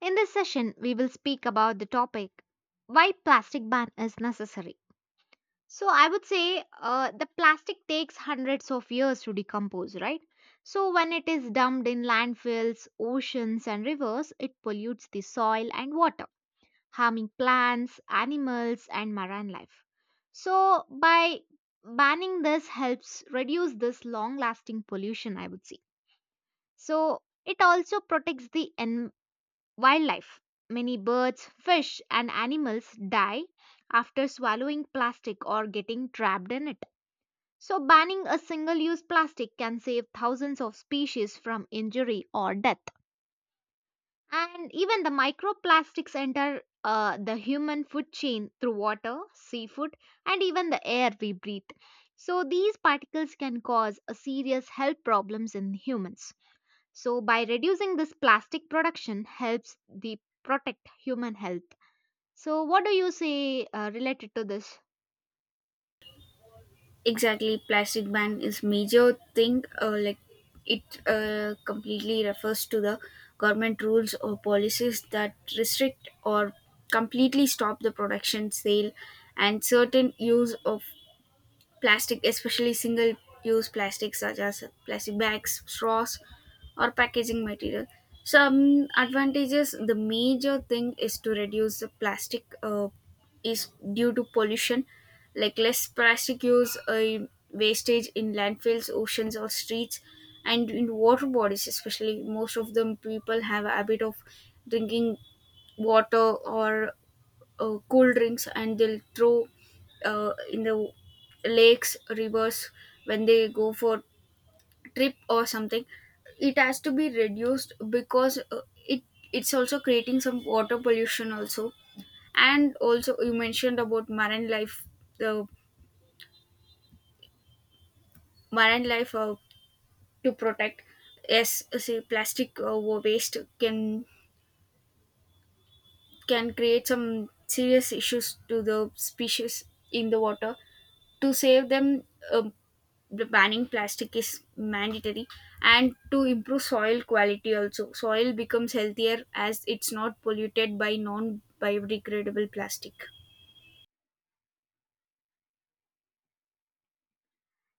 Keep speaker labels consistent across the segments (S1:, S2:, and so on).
S1: In this session, we will speak about the topic why plastic ban is necessary. So I would say the plastic takes hundreds of years to decompose, right? So when it is dumped in landfills, oceans, and rivers, it pollutes the soil and water, harming plants, animals, and marine life. So by banning this helps reduce this long-lasting pollution, I would say. So it also protects wildlife. Many birds, fish, and animals die after swallowing plastic or getting trapped in it. So, banning a single use plastic can save thousands of species from injury or death. And even the microplastics enter the human food chain through water, seafood, and even the air we breathe. So, these particles can cause a serious health problems in humans. So by reducing this plastic production helps the protect human health. So what do you say related to this?
S2: Exactly, plastic ban is major thing, like it completely refers to the government rules or policies that restrict or completely stop the production sale and certain use of plastic, especially single use plastics such as plastic bags, straws, or packaging material. Some advantages, the major thing is to reduce the plastic is due to pollution, like less plastic use, wastage in landfills, oceans, or streets, and in water bodies, especially. Most of them people have a habit of drinking water or cool drinks and they'll throw in the lakes rivers when they go for trip or something. It has to be reduced because it's also creating some water pollution also, and also you mentioned about marine life, the marine life to protect. Yes, say plastic waste can create some serious issues to the species in the water. To save them, um, the banning plastic is mandatory, and to improve soil quality also. Soil becomes healthier as it's not polluted by non biodegradable plastic.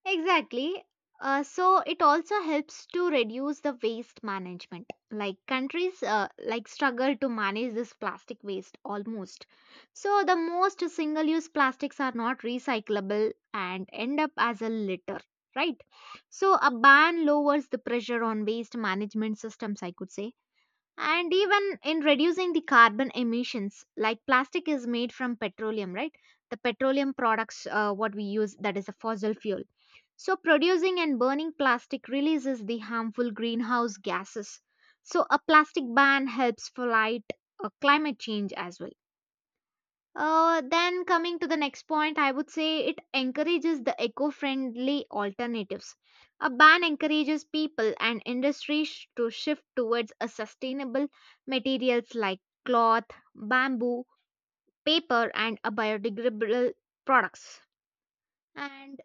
S1: Exactly. So it also helps to reduce the waste management. Like countries like struggle to manage this plastic waste almost. So the most single-use plastics are not recyclable and end up as a litter, right? So a ban lowers the pressure on waste management systems, I could say. And even in reducing the carbon emissions, like plastic is made from petroleum, right? The petroleum products what we use, that is a fossil fuel. So producing and burning plastic releases the harmful greenhouse gases. So a plastic ban helps fight climate change as well. Then coming to the next point, I would say it encourages the eco-friendly alternatives. A ban encourages people and industries to shift towards a sustainable materials like cloth, bamboo, paper, and a biodegradable products. And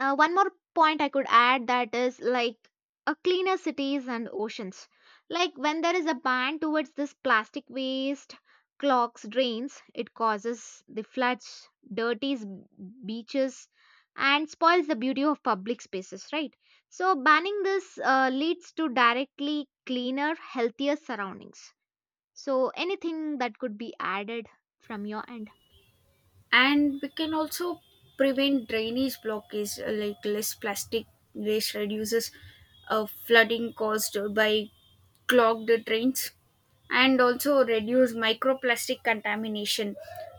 S1: one more point I could add, that is like a cleaner cities and oceans. Like when there is a ban towards this plastic waste, clogs drains, it causes the floods, dirties beaches, and spoils the beauty of public spaces, right? So banning this leads to directly cleaner, healthier surroundings. So anything that could be added from your end?
S2: And we can also prevent drainage blockage, like less plastic waste reduces flooding caused by clogged drains, and also reduce microplastic contamination,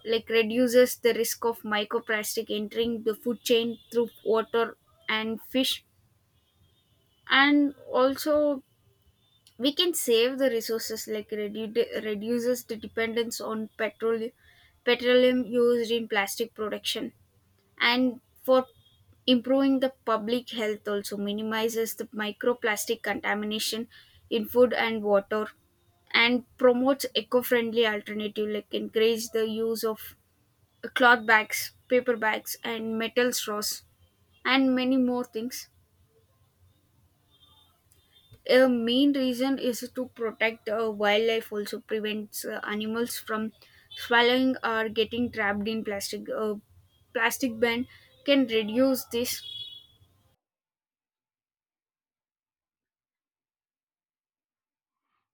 S2: like reduces the risk of microplastic entering the food chain through water and fish. And also we can save the resources, like reduces the dependence on petroleum used in plastic production. And for improving the public health, also minimizes the microplastic contamination in food and water, and promotes eco-friendly alternative, like encourage the use of cloth bags, paper bags and metal straws, and many more things. A main reason is to protect wildlife, also prevents animals from swallowing or getting trapped in plastic. A plastic ban can reduce this.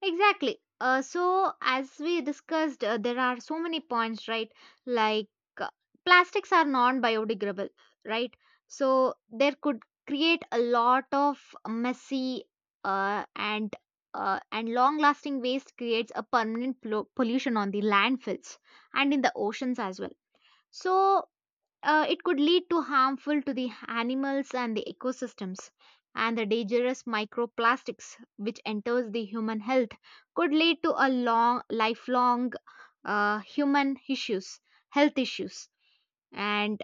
S1: Exactly. So, as we discussed, there are so many points, right? Like uh, plastics are non biodegradable, right? So, there could create a lot of messy uh, and and long-lasting waste creates a permanent pollution on the landfills and in the oceans as well. So it could lead to harmful to the animals and the ecosystems, and the dangerous microplastics which enters the human health could lead to a long lifelong human issues, health issues. And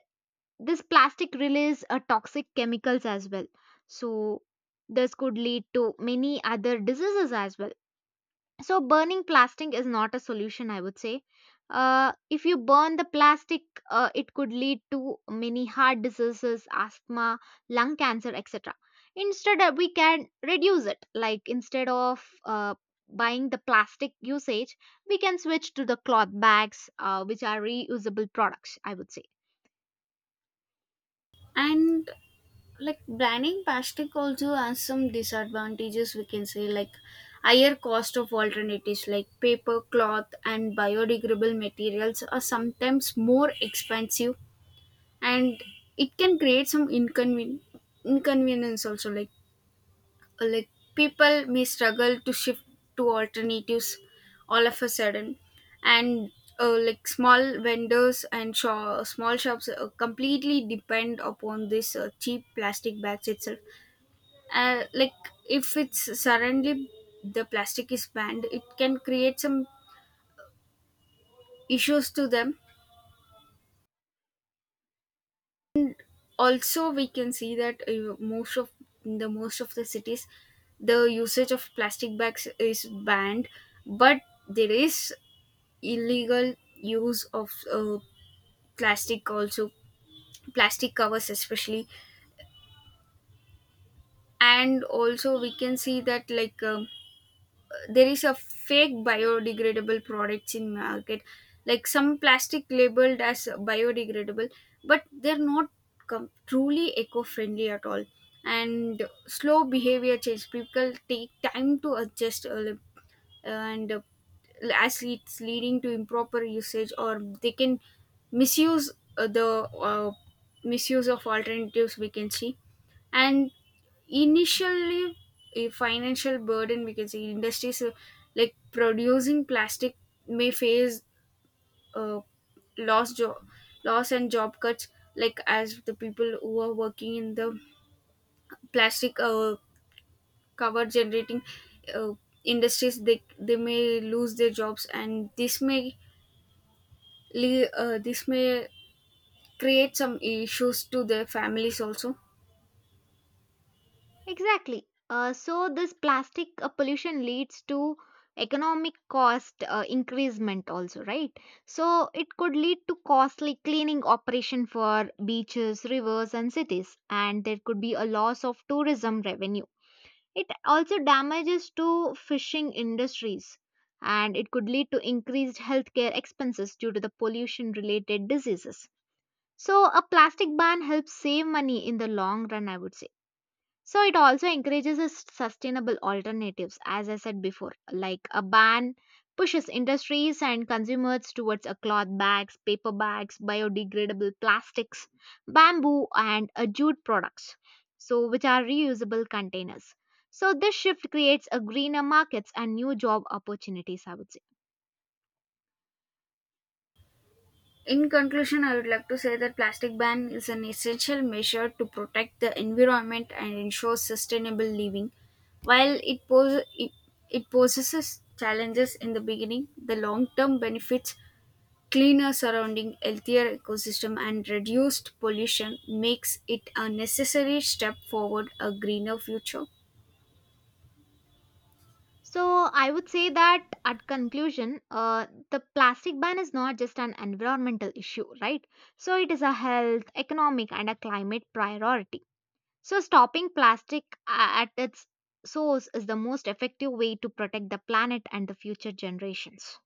S1: this plastic release toxic chemicals as well, so this could lead to many other diseases as well. So burning plastic is not a solution, I would say. If you burn the plastic, it could lead to many heart diseases, asthma, lung cancer, etc. Instead, we can reduce it. Like instead of buying the plastic usage, we can switch to the cloth bags, which are reusable products, I would say.
S2: And like banning plastic also has some disadvantages, we can say, like higher cost of alternatives like paper, cloth and biodegradable materials are sometimes more expensive. And it can create some inconvenience also, like people may struggle to shift to alternatives all of a sudden. And like small vendors and small shops completely depend upon this cheap plastic bags itself. Like if it's suddenly the plastic is banned, it can create some issues to them. Also we can see that most of in the most of the cities the usage of plastic bags is banned, but there is illegal use of plastic also, plastic covers especially. And also we can see that, like there is a fake biodegradable products in market, like some plastic labeled as biodegradable but they're not truly eco-friendly at all. And slow behavior change, people take time to adjust, and as it's leading to improper usage or they can misuse the uh, misuse of alternatives, we can see. And initially a financial burden we can see, industries like producing plastic may face uh, loss job loss and job cuts, like as the people who are working in the plastic cover generating uh, industries, they may lose their jobs, and this may this may create some issues to their families also.
S1: Exactly. So this plastic pollution leads to economic cost increasement also, right? So it could lead to costly cleaning operation for beaches, rivers, and cities, and there could be a loss of tourism revenue. It also damages to fishing industries, and it could lead to increased healthcare expenses due to the pollution related diseases. So a plastic ban helps save money in the long run, I would say. So it also encourages us sustainable alternatives, as I said before. Like a ban pushes industries and consumers towards a cloth bags, paper bags, biodegradable plastics, bamboo, and jute products, so which are reusable containers. So this shift creates a greener markets and new job opportunities, I would say.
S2: In conclusion, I would like to say that plastic ban is an essential measure to protect the environment and ensure sustainable living. While it poses challenges in the beginning, the long term benefits, cleaner surrounding, healthier ecosystem and reduced pollution makes it a necessary step forward a greener future.
S1: So I would say that at conclusion, the plastic ban is not just an environmental issue, right? So it is a health, economic, and a climate priority. So stopping plastic at its source is the most effective way to protect the planet and the future generations.